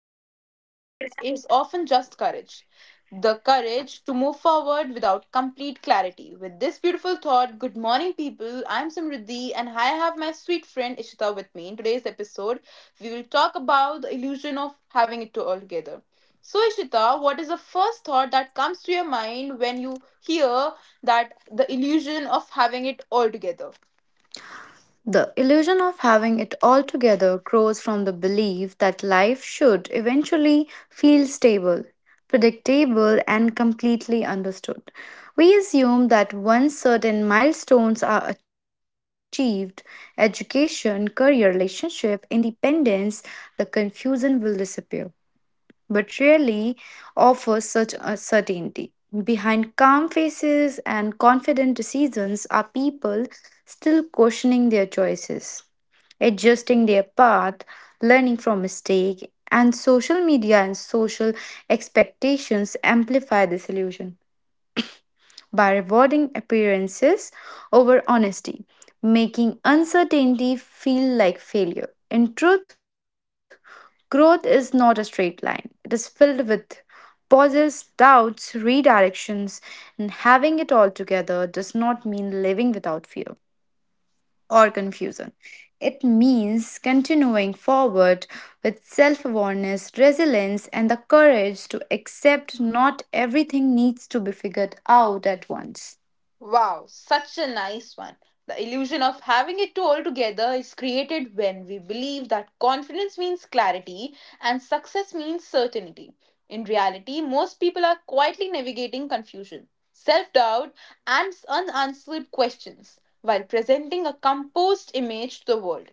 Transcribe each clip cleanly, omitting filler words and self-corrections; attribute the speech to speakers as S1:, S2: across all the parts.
S1: looks like confidence is often just courage. The courage to move forward without complete clarity. With this beautiful thought, good morning, people. I'm Samriddhi, and I have my sweet friend Ishita with me in today's episode we will talk about the illusion of having it all together. So, Ishita, what is the first thought that comes to your mind when you hear that the illusion of having it all together?
S2: The illusion of having it all together grows from the belief that life should eventually feel stable, predictable, and completely understood. We assume that once certain milestones are achieved education, career, relationship, independence the confusion will disappear, but rarely offers such a certainty. Behind calm faces and confident decisions are people still questioning their choices, adjusting their path, learning from mistake, and social media and social expectations amplify this illusion by rewarding appearances over honesty, making uncertainty feel like failure. In truth, growth is not a straight line, it is filled with pauses, doubts, redirections, and having it all together does not mean living without fear or confusion. It means continuing forward with self awareness, resilience, and the courage to accept not everything needs to be figured out at once.
S1: Wow, such a nice one. The illusion of having it all together is created when we believe that confidence means clarity and success means certainty. In reality, most people are quietly navigating confusion, self doubt, and unanswered questions while presenting a composed image to the world.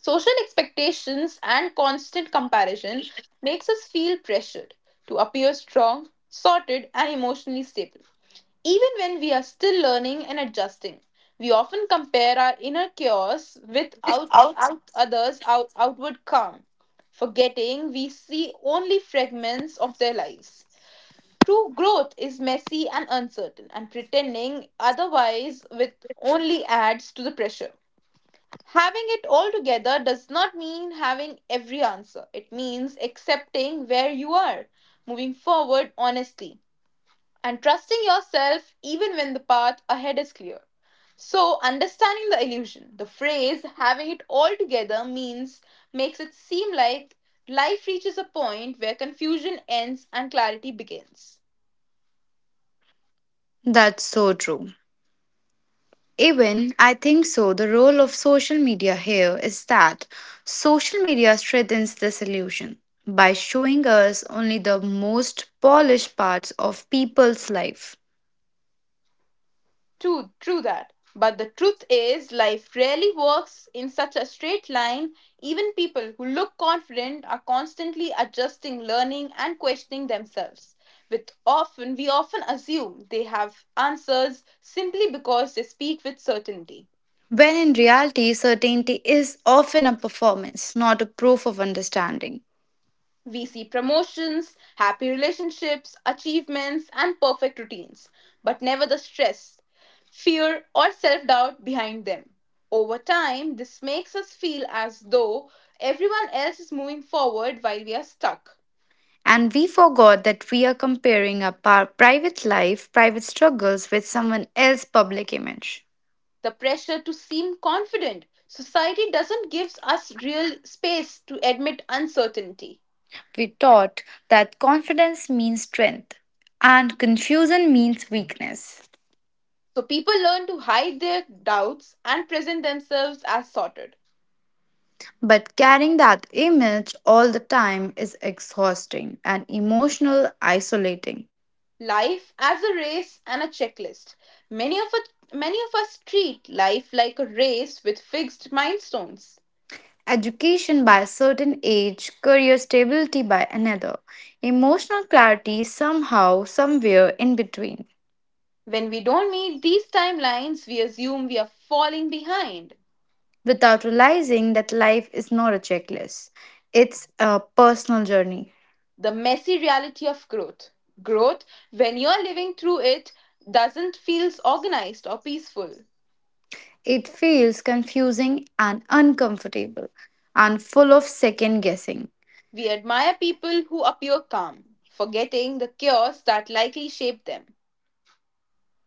S1: Social expectations and constant comparison makes us feel pressured to appear strong, sorted, and emotionally stable even when we are still learning and adjusting, we often compare our inner chaos with outward calm, forgetting we see only fragments of their lives. True growth is messy and uncertain, and pretending otherwise with only adds to the pressure. Having it all together does not mean having every answer. It means accepting where you are, moving forward honestly and trusting yourself even when the path ahead is clear. So, understanding the illusion, the phrase having it all together means makes it seem like life reaches a point where confusion ends and clarity begins.
S2: That's so true. Even I think so. The role of social media here is that social media strengthens this illusion by showing us only the most polished parts of people's life.
S1: True that. But the truth is, life rarely works in such a straight line. Even people who look confident are constantly adjusting, learning, and questioning themselves. We often assume they have answers simply because they speak with certainty.
S2: When in reality, certainty is often a performance, not a proof of understanding.
S1: We see promotions, happy relationships, achievements, and perfect routines, but never the stress, fear, or self doubt behind them. Over time, this makes us feel as though everyone else is moving forward while we are stuck.
S2: And we forgot that we are comparing our private life, private struggles with someone else's public image.
S1: The pressure to seem confident. Society doesn't give us real space to admit uncertainty.
S2: We taught that confidence means strength and confusion means weakness.
S1: So people learn to hide their doubts and present themselves as sorted.
S2: But carrying that image all the time is exhausting and emotional isolating.
S1: Life as a race and a checklist. Many of us treat life like a race with fixed milestones.
S2: Education by a certain age, career stability by another, emotional clarity somehow, somewhere in between,
S1: When we don't meet these timelines, we assume we are falling behind.
S2: without realizing that life is not a checklist. It's a personal journey.
S1: The messy reality of growth. Growth, when you're living through it, doesn't feel organized or peaceful.
S2: It feels confusing and uncomfortable and full of second guessing.
S1: We admire people who appear calm, forgetting the chaos that likely shaped them.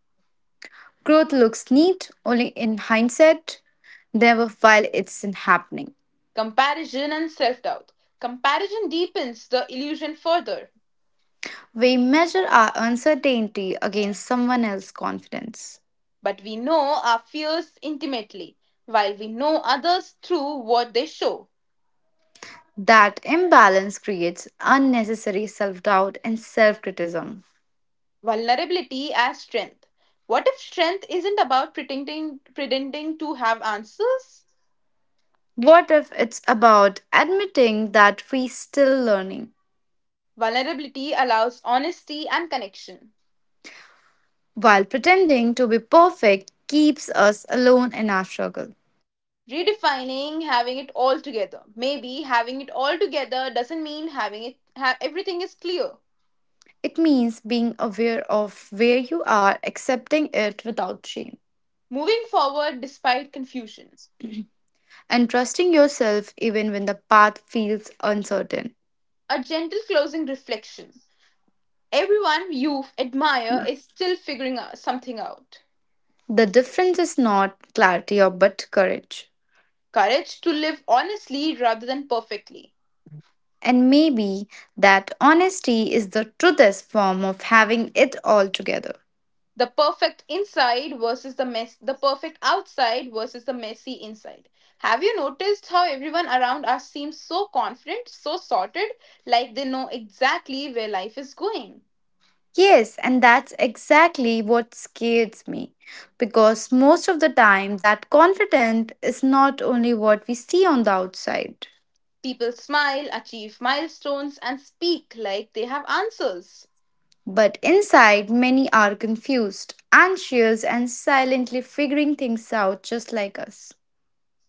S2: Growth looks neat only in hindsight, never while it's in happening.
S1: Comparison and self doubt. Comparison deepens the illusion further.
S2: We measure our uncertainty against someone else's confidence.
S1: But we know our fears intimately, while we know others through what they show.
S2: That imbalance creates unnecessary self doubt and self criticism.
S1: Vulnerability as strength. What if strength isn't about pretending to have answers?
S2: What if it's about admitting that we're still learning,
S1: Vulnerability allows honesty and connection.
S2: while pretending to be perfect keeps us alone in our struggle?
S1: Redefining having it all together. Maybe having it all together doesn't mean everything is clear.
S2: It means being aware of where you are, accepting it without shame,
S1: Moving forward despite confusion.
S2: and trusting yourself even when the path feels uncertain.
S1: A gentle closing reflection. Everyone you admire is still figuring out something out.
S2: The difference is not clarity or but courage.
S1: Courage to live honestly rather than perfectly.
S2: And maybe that honesty is the truest form of having it all together.
S1: The perfect inside versus the mess, the perfect outside versus the messy inside. Have you noticed how everyone around us seems so confident, so sorted, like they know exactly where life is going?
S2: Yes, and that's exactly what scares me because most of the time that confidence is not only what we see on the outside.
S1: People smile, achieve milestones, and speak like they have answers.
S2: But inside, many are confused, anxious, and silently figuring things out just like us.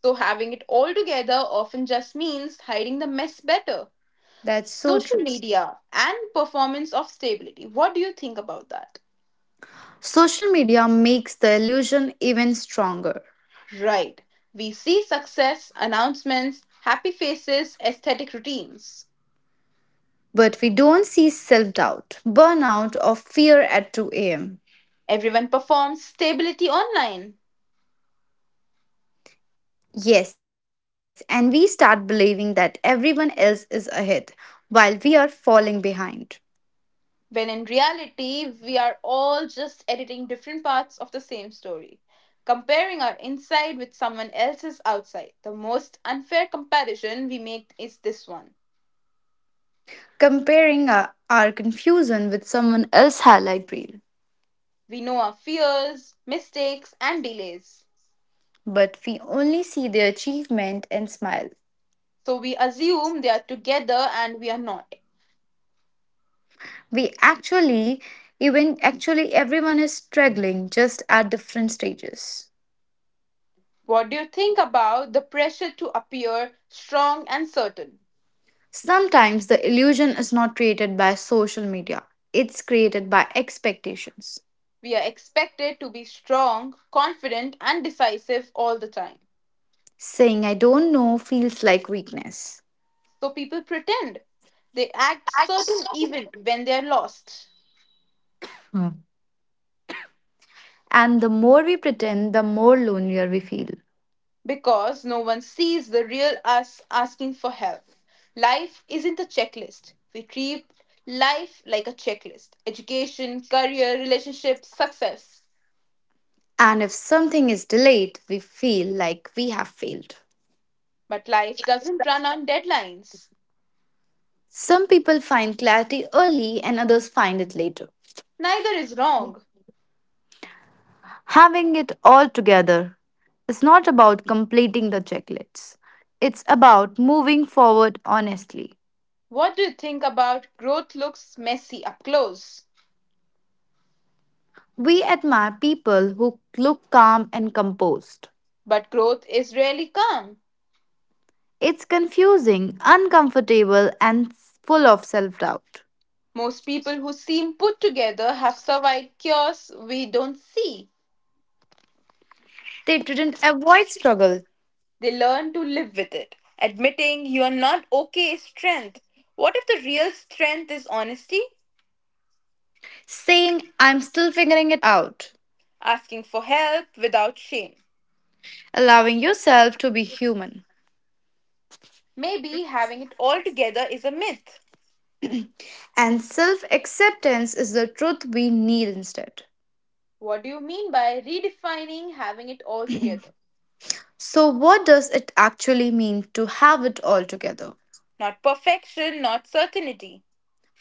S1: So, having it all together often just means hiding the mess better.
S2: That's so
S1: Social
S2: true.
S1: media and performance of stability, what do you think about that?
S2: Social media makes the illusion even stronger.
S1: Right, we see success announcements, happy faces, aesthetic routines.
S2: But we don't see self doubt, burnout, or fear at 2 a.m.
S1: Everyone performs stability online.
S2: Yes, and we start believing that everyone else is ahead while we are falling behind,
S1: When in reality we are all just editing different parts of the same story, comparing our inside with someone else's outside, the most unfair comparison we make is this one.
S2: comparing our confusion with someone else's highlight reel.
S1: We know our fears, mistakes and delays.
S2: But we only see their achievement and smile.
S1: So we assume they are together and we are not.
S2: We actually even actually everyone is struggling just at different stages.
S1: What do you think about the pressure to appear strong and certain?
S2: Sometimes the illusion is not created by social media, it's created by expectations.
S1: We are expected to be strong, confident, and decisive all the time.
S2: Saying I don't know feels like weakness,
S1: So people pretend. They act certain even when they are lost
S2: and the more we pretend the more lonelier we feel.
S1: because no one sees the real us asking for help. Life isn't a checklist. We treat life like a checklist: education, career, relationships, success.
S2: And if something is delayed we feel like we have failed.
S1: But life doesn't run on deadlines.
S2: Some people find clarity early and others find it later.
S1: Neither is wrong.
S2: Having it all together is not about completing the checklists, it's about moving forward honestly.
S1: What do you think about growth looks messy up close?
S2: We admire people who look calm and composed.
S1: But growth is rarely calm.
S2: It's confusing, uncomfortable, and full of self doubt.
S1: Most people who seem put together have survived chaos we don't see.
S2: They didn't avoid struggle,
S1: They learn to live with it. Admitting you are not okay is strength. What if the real strength is honesty?
S2: saying, I'm still figuring it out,
S1: Asking for help without shame.
S2: allowing yourself to be human.
S1: Maybe having it all together is a myth.
S2: And self acceptance is the truth we need instead.
S1: What do you mean by redefining having it all together?
S2: So, what does it actually mean to have it all together?
S1: Not perfection, not certainty.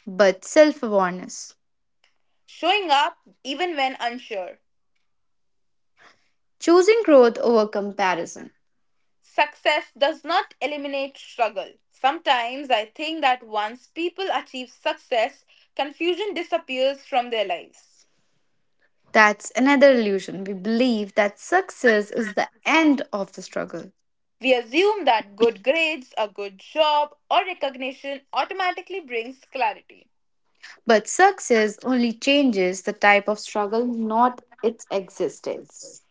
S2: But self awareness,
S1: Showing up even when unsure.
S2: choosing growth over comparison.
S1: Success does not eliminate struggle. Sometimes I think that once people achieve success, confusion disappears from their lives.
S2: That's another illusion. We believe that success is the end of the struggle.
S1: We assume that good grades, a good job, or recognition automatically brings clarity.
S2: But success only changes the type of struggle, not its existence.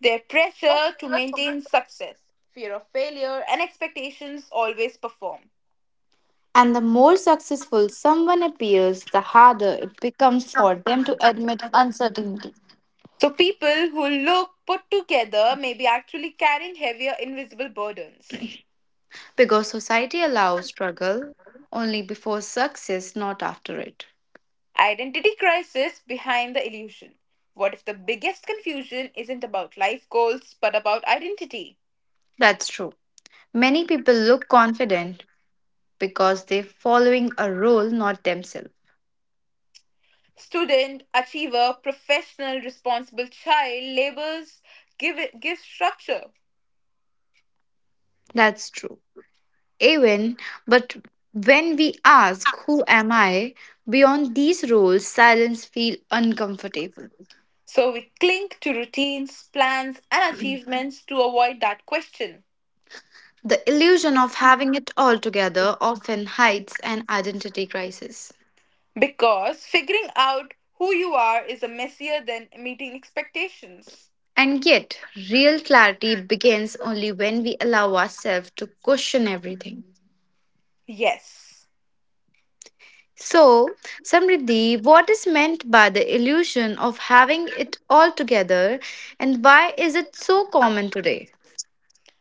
S1: Their pressure to maintain success, fear of failure, and expectations always perform.
S2: And the more successful someone appears, the harder it becomes for them to admit uncertainty.
S1: So people who look put together may be actually carrying heavier invisible burdens.
S2: Because society allows struggle only before success, not after it.
S1: Identity crisis behind the illusion. What if the biggest confusion isn't about life goals but about identity?
S2: That's true. Many people look confident because they're following a role, not themselves.
S1: Student, achiever, professional, responsible child labels give structure.
S2: That's true. Even, but when we ask, who am I? Beyond these roles, silence feels uncomfortable.
S1: So we cling to routines, plans and achievements to avoid that question
S2: The illusion of having it all together often hides an identity crisis.
S1: because figuring out who you are is a messier than meeting expectations.
S2: And yet, real clarity begins only when we allow ourselves to question everything.
S1: Yes.
S2: So, Samriddhi, what is meant by the illusion of having it all together and why is it so common today?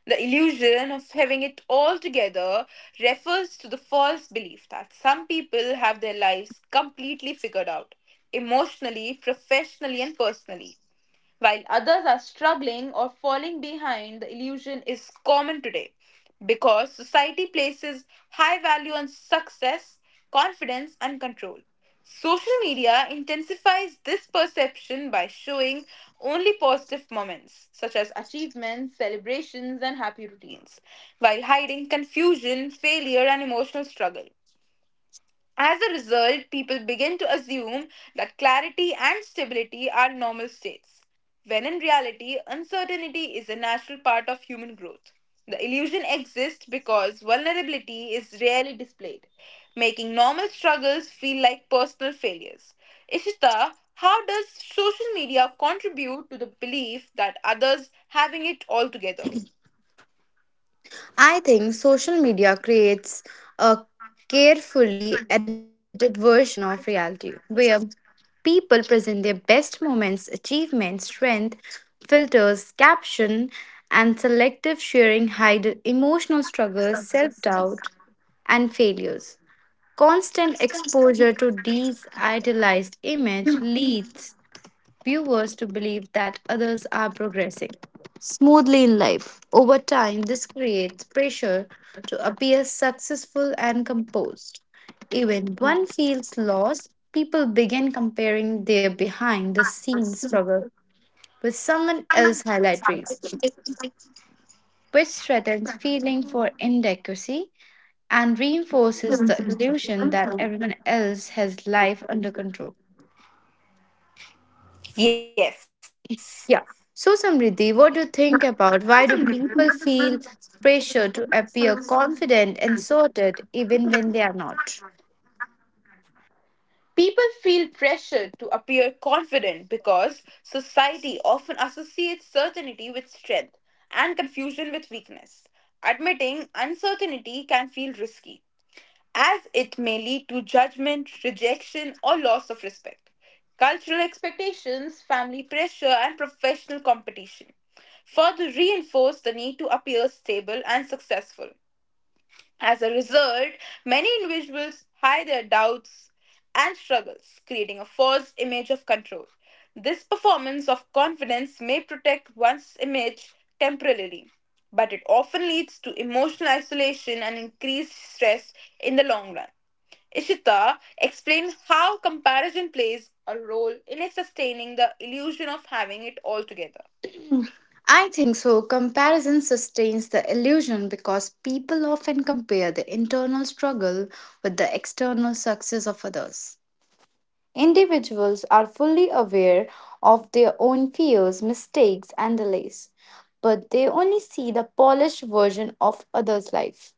S1: The illusion of having it all together refers to the false belief that some people have their lives completely figured out, emotionally, professionally, and personally. While others are struggling or falling behind, the illusion is common today because society places high value on success, confidence, and control. Social media intensifies this perception by showing only positive moments, such as achievements, celebrations, and happy routines, while hiding confusion, failure, and emotional struggle. As a result, people begin to assume that clarity and stability are normal states, when in reality, uncertainty is a natural part of human growth. The illusion exists because vulnerability is rarely displayed, making normal struggles feel like personal failures. Ishita, how does social media contribute to the belief that others having it all together?
S2: I think social media creates a carefully edited version of reality where people present their best moments, achievements, strength, filters, caption, and selective sharing hide emotional struggles, self doubt, and failures. Constant exposure to these idealized images leads viewers to believe that others are progressing smoothly in life. Over time, this creates pressure to appear successful and composed. Even one feels lost, people begin comparing their behind the scenes struggle with someone else's highlight reels, which threatens feeling for inadequacy and reinforces the illusion that everyone else has life under control.
S1: Yes.
S2: Yeah. So, Samriddhi, what do you think about why do people feel pressure to appear confident and sorted even when they are not?
S1: People feel pressure to appear confident because society often associates certainty with strength and confusion with weakness. Admitting uncertainty can feel risky, as it may lead to judgment, rejection, or loss of respect. Cultural expectations, family pressure, and professional competition further reinforce the need to appear stable and successful. As a result, many individuals hide their doubts and struggles, creating a false image of control. This performance of confidence may protect one's image temporarily, but it often leads to emotional isolation and increased stress in the long run. Ishita, explained how comparison plays a role in sustaining the illusion of having it all together.
S2: I think so. Comparison sustains the illusion because people often compare the internal struggle with the external success of others. Individuals are fully aware of their own fears, mistakes, and delays, but they only see the polished version of others' life.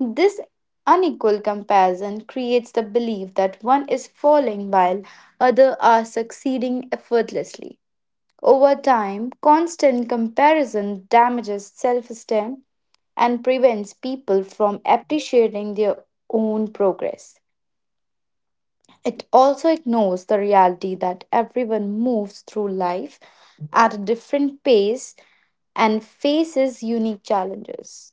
S2: This unequal comparison creates the belief that one is falling while others are succeeding effortlessly. Over time, constant comparison damages self esteem and prevents people from appreciating their own progress. It also ignores the reality that everyone moves through life at a different pace and faces unique challenges.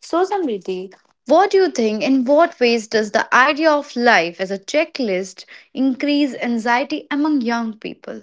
S2: So, Samriti, what do you think? In what ways does the idea of life as a checklist increase anxiety among young people?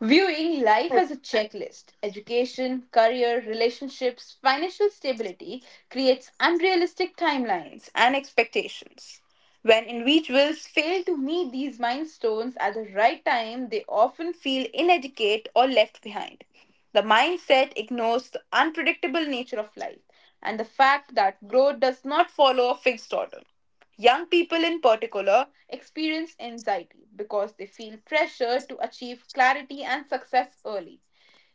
S1: Viewing life as a checklist, education, career, relationships, financial stability creates unrealistic timelines and expectations. When individuals fail to meet these milestones at the right time, they often feel inadequate or left behind. The mindset ignores the unpredictable nature of life and the fact that growth does not follow a fixed order. Young people, in particular, experience anxiety because they feel pressure to achieve clarity and success early,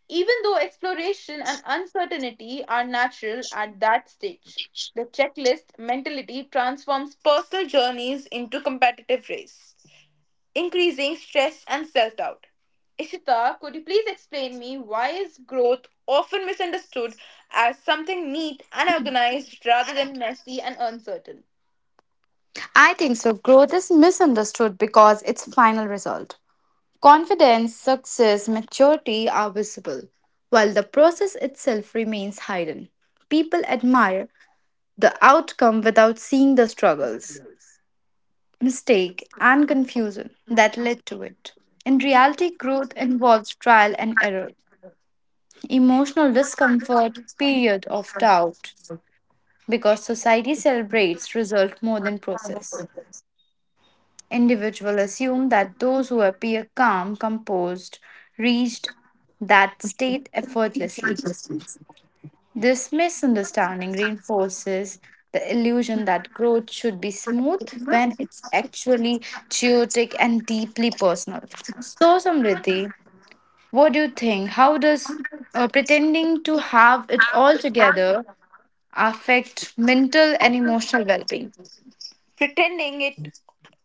S1: even though exploration and uncertainty are natural at that stage. The checklist mentality transforms personal journeys into competitive race, increasing stress and self doubt. Ishita, could you please explain me why is growth often misunderstood as something neat and organized rather than messy and uncertain?
S2: I think so. Growth is misunderstood because its final result. Confidence, success, maturity are visible, while the process itself remains hidden. People admire the outcome without seeing the struggles, mistake, and confusion that led to it. In reality, growth involves trial and error, emotional discomfort, period of doubt, because society celebrates result more than process. Individuals assume that those who appear calm, composed, reached that state effortlessly. This misunderstanding reinforces the illusion that growth should be smooth when it's actually chaotic and deeply personal. So, Samriddhi, what do you think? How does pretending to have it all together affect mental and emotional well being?
S1: Pretending it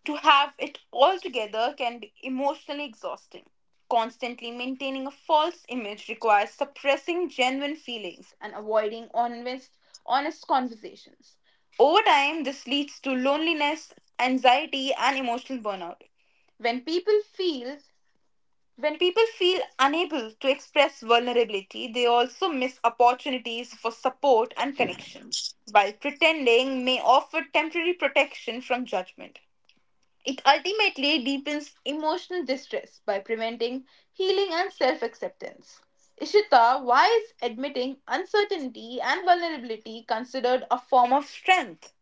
S1: to have it all together can be emotionally exhausting. Constantly maintaining a false image requires suppressing genuine feelings and avoiding honest conversations. Over time, this leads to loneliness, anxiety, and emotional burnout. When people feel when people feel unable to express vulnerability, they also miss opportunities for support and connection, while pretending may offer temporary protection from judgment. It ultimately deepens emotional distress by preventing healing and self acceptance. Ishita, why is admitting uncertainty and vulnerability considered a form of strength?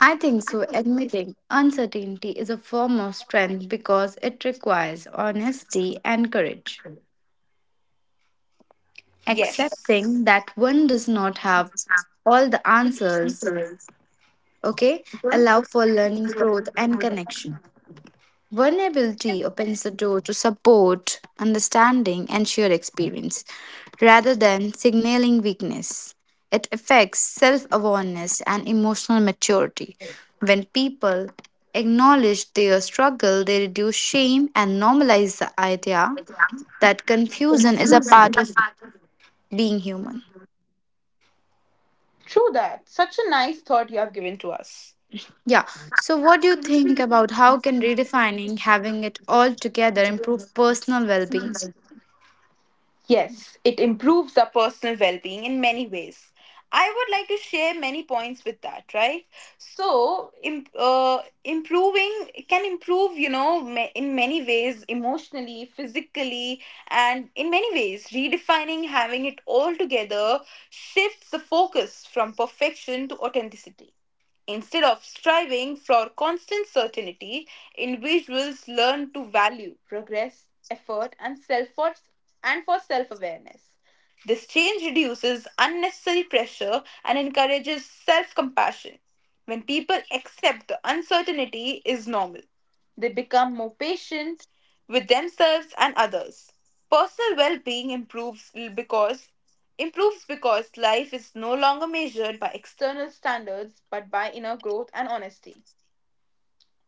S2: I think so. Admitting uncertainty is a form of strength because it requires honesty and courage.
S1: Yes.
S2: Accepting that one does not have all the answers, okay, allow for learning growth and connection. Vulnerability opens the door to support understanding and shared experience rather than signaling weakness. It affects self-awareness and emotional maturity. When people acknowledge their struggle they reduce shame and normalize the idea that confusion is a part of being human.
S1: True that. Such a nice thought you have given to us.
S2: Yeah. So, what do you think about how can redefining having it all together improve personal well being?
S1: Yes, it improves our personal well being in many ways. I would like to share many points with that, right? So, improving it can improve, you know, in many ways emotionally, physically, and in many ways, redefining having it all together shifts the focus from perfection to authenticity. Instead of striving for constant certainty, individuals learn to value progress, effort, and self for and for self-awareness. This change reduces unnecessary pressure and encourages self-compassion. When people accept the uncertainty is normal, they become more patient with themselves and others. Personal well-being improves because life is no longer measured by external standards but by inner growth and honesty.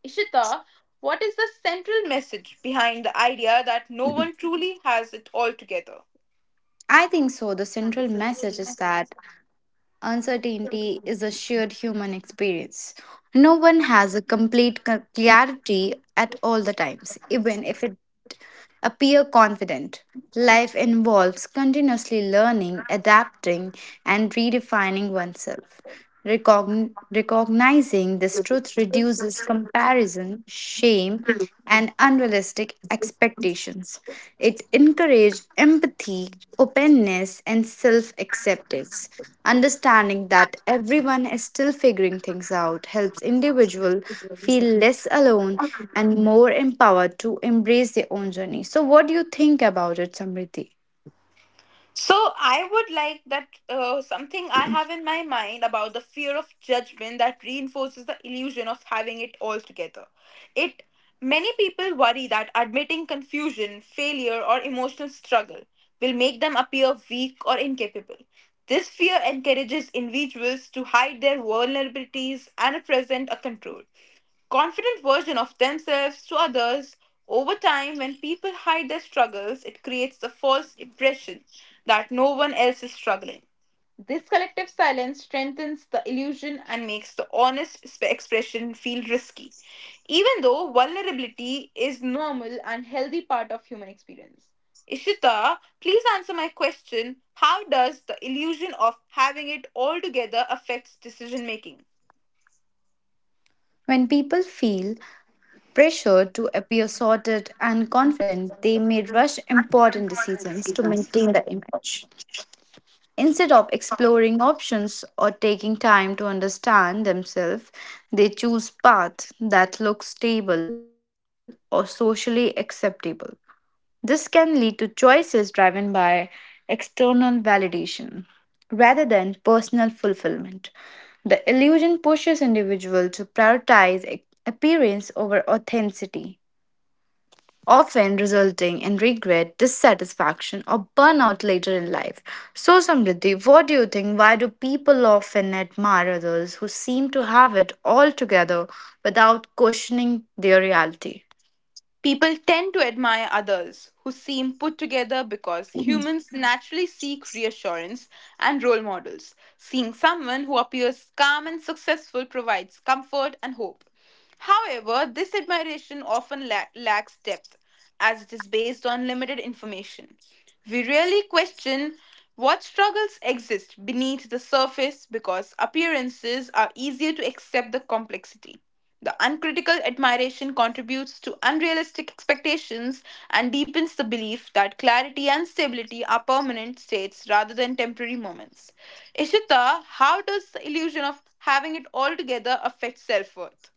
S1: Ishita, what is the central message behind the idea that no one truly has it all together?
S2: I think so. The central message is that uncertainty is a shared human experience. No one has a complete clarity at all the times, even if it appear confident. Life involves continuously learning, adapting, and redefining oneself. Recognizing this truth reduces comparison, shame, and unrealistic expectations. It encourages empathy, openness, and self acceptance. Understanding that everyone is still figuring things out helps individual feel less alone and more empowered to embrace their own journey. So, what do you think about it, Samriti?
S1: So I would like that something I have in my mind about the fear of judgment that reinforces the illusion of having it all together. It Many people worry that admitting confusion, failure or emotional struggle will make them appear weak or incapable. This fear encourages individuals to hide their vulnerabilities and present a control confident version of themselves to others. Over time, when people hide their struggles, it creates the false impression that no one else is struggling. This collective silence strengthens the illusion and makes the honest expression feel risky, even though vulnerability is normal and healthy part of human experience. Ishita, please answer my question. How does the illusion of having it all together affects decision making?
S2: When people feel pressure to appear sorted and confident, they may rush important decisions to maintain the image. Instead of exploring options or taking time to understand themselves, they choose paths that look stable or socially acceptable. This can lead to choices driven by external validation rather than personal fulfillment. The illusion pushes individuals to prioritize appearance over authenticity often resulting in regret, dissatisfaction, or burnout later in life. So, Samriddhi, what do you think? Why do people often admire others who seem to have it all together without questioning their reality?
S1: People tend to admire others who seem put together because humans naturally seek reassurance and role models. Seeing someone who appears calm and successful provides comfort and hope. However, this admiration often lacks depth as it is based on limited information. We rarely question what struggles exist beneath the surface because appearances are easier to accept the complexity. The uncritical admiration contributes to unrealistic expectations and deepens the belief that clarity and stability are permanent states rather than temporary moments. Ishita, how does the illusion of having it all together affect self worth?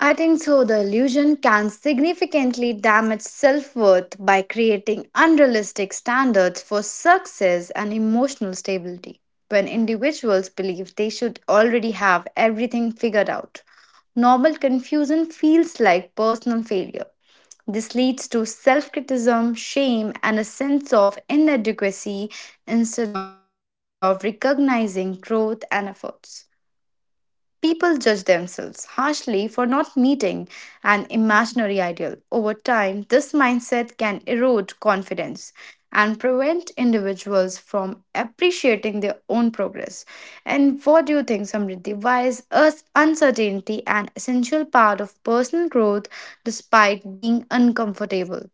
S2: I think so. The illusion can significantly damage self worth by creating unrealistic standards for success and emotional stability. When individuals believe they should already have everything figured out, normal confusion feels like personal failure. This leads to self criticism, shame, and a sense of inadequacy instead of recognizing growth and efforts. People judge themselves harshly for not meeting an imaginary ideal. Over time, this mindset can erode confidence and prevent individuals from appreciating their own progress. And what do you think, Samriddhi? Why is us uncertainty an essential part of personal growth despite being uncomfortable?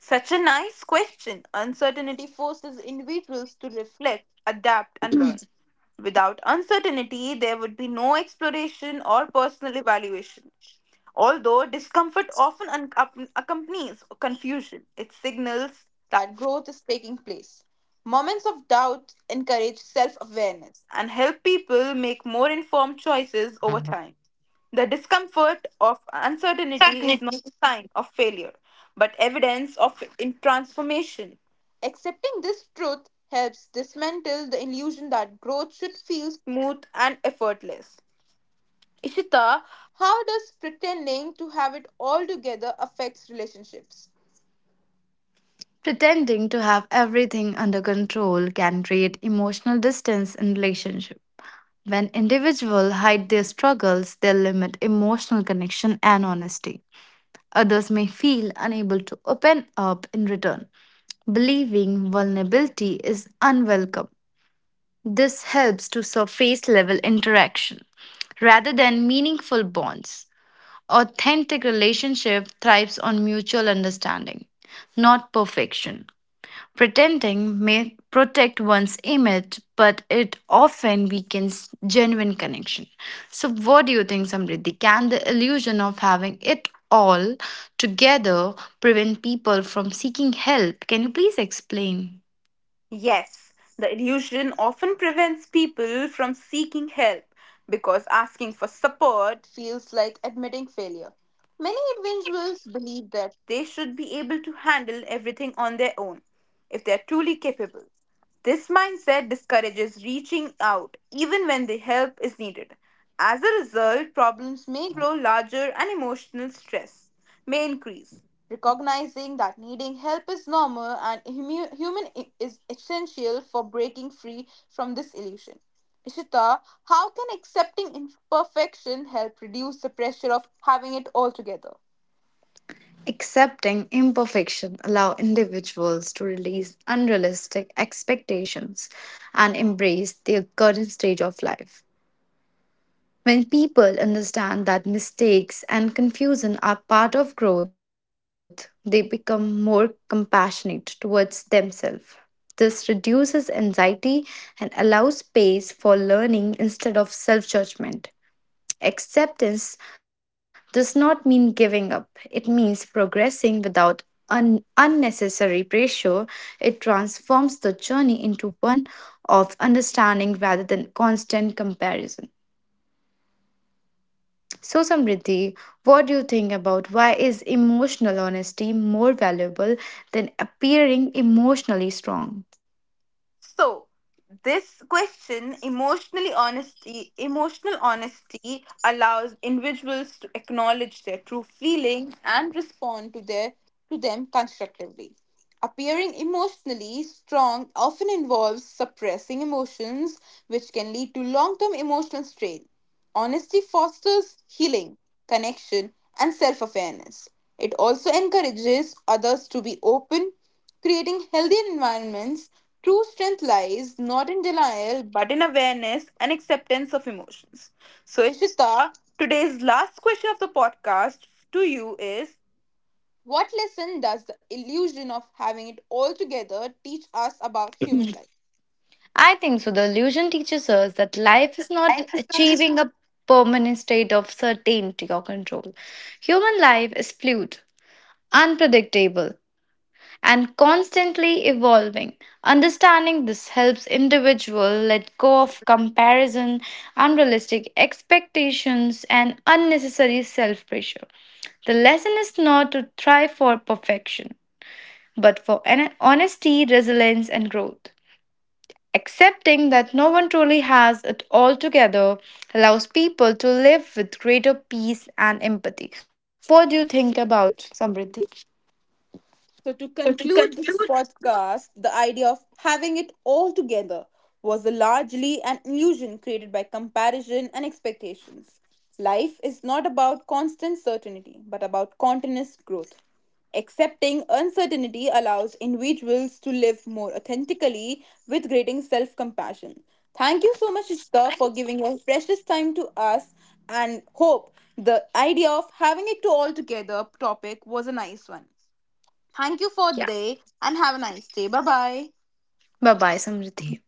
S1: Such a nice question. Uncertainty forces individuals to reflect, adapt, and learn. Without uncertainty, there would be no exploration or personal evaluation. Although discomfort often accompanies confusion, it signals that growth is taking place. Moments of doubt encourage self awareness and help people make more informed choices over time. The discomfort of uncertainty is not a sign of failure, but evidence of in transformation. Accepting this truth helps dismantle the illusion that growth should feel smooth and effortless. Ishita, how does pretending to have it all together affects relationships?
S2: Pretending to have everything under control can create emotional distance in relationships. When individuals hide their struggles, they limit emotional connection and honesty. Others may feel unable to open up in return, believing vulnerability is unwelcome. This helps to surface level interaction rather than meaningful bonds. Authentic relationship thrives on mutual understanding, not perfection. Pretending may protect one's image, but it often weakens genuine connection. So, what do you think, Samriddhi? Can the illusion of having it all together prevent people from seeking help? Can you please explain?
S1: Yes, the illusion often prevents people from seeking help because asking for support feels like admitting failure. Many individuals believe that they should be able to handle everything on their own if they are truly capable. This mindset discourages reaching out even when the help is needed. As a result, problems may grow larger and emotional stress may increase recognizing that needing help is normal and human is essential for breaking free from this illusion. Ishita, how can accepting imperfection help reduce the pressure of having it all together?
S2: Accepting imperfection allow individuals to release unrealistic expectations and embrace their current stage of life. When people understand that mistakes and confusion are part of growth, they become more compassionate towards themselves. This reduces anxiety and allows space for learning instead of self judgment. Acceptance does not mean giving up, it means progressing without unnecessary pressure. It transforms the journey into one of understanding rather than constant comparison. So Samriddhi, what do you think about why is emotional honesty more valuable than appearing emotionally strong?
S1: So, this question, emotional honesty allows individuals to acknowledge their true feelings and respond to their to them constructively. Appearing emotionally strong often involves suppressing emotions, which can lead to long-term emotional strain. Honesty fosters healing, connection, and self-awareness. It also encourages others to be open, creating healthy environments. True strength lies not in denial but in awareness and acceptance of emotions. So, Ishita, today's last question of the podcast to you is, what lesson does the illusion of having it all together teach us about human life?
S2: I think so. The illusion teaches us that life is not achieving a permanent state of certainty or control. Human life is fluid, unpredictable, and constantly evolving. Understanding this helps individual let go of comparison, unrealistic expectations and unnecessary self-pressure. The lesson is not to strive for perfection, but for honesty, resilience and growth. Accepting that no one truly has it all together allows people to live with greater peace and empathy. What do you think about it, Samriddhi?
S1: So, to
S2: To
S1: conclude this
S2: conclude,
S1: podcast, the idea of having it all together was largely an illusion created by comparison and expectations. Life is not about constant certainty, but about continuous growth. Accepting uncertainty allows individuals to live more authentically with greater self compassion. Thank you so much, Ishta, for giving your precious time to us and hope the idea of having it to all together topic was a nice one. Thank you for
S2: yeah.
S1: day and have a nice day. Bye bye.
S2: Bye bye, Samriddhi.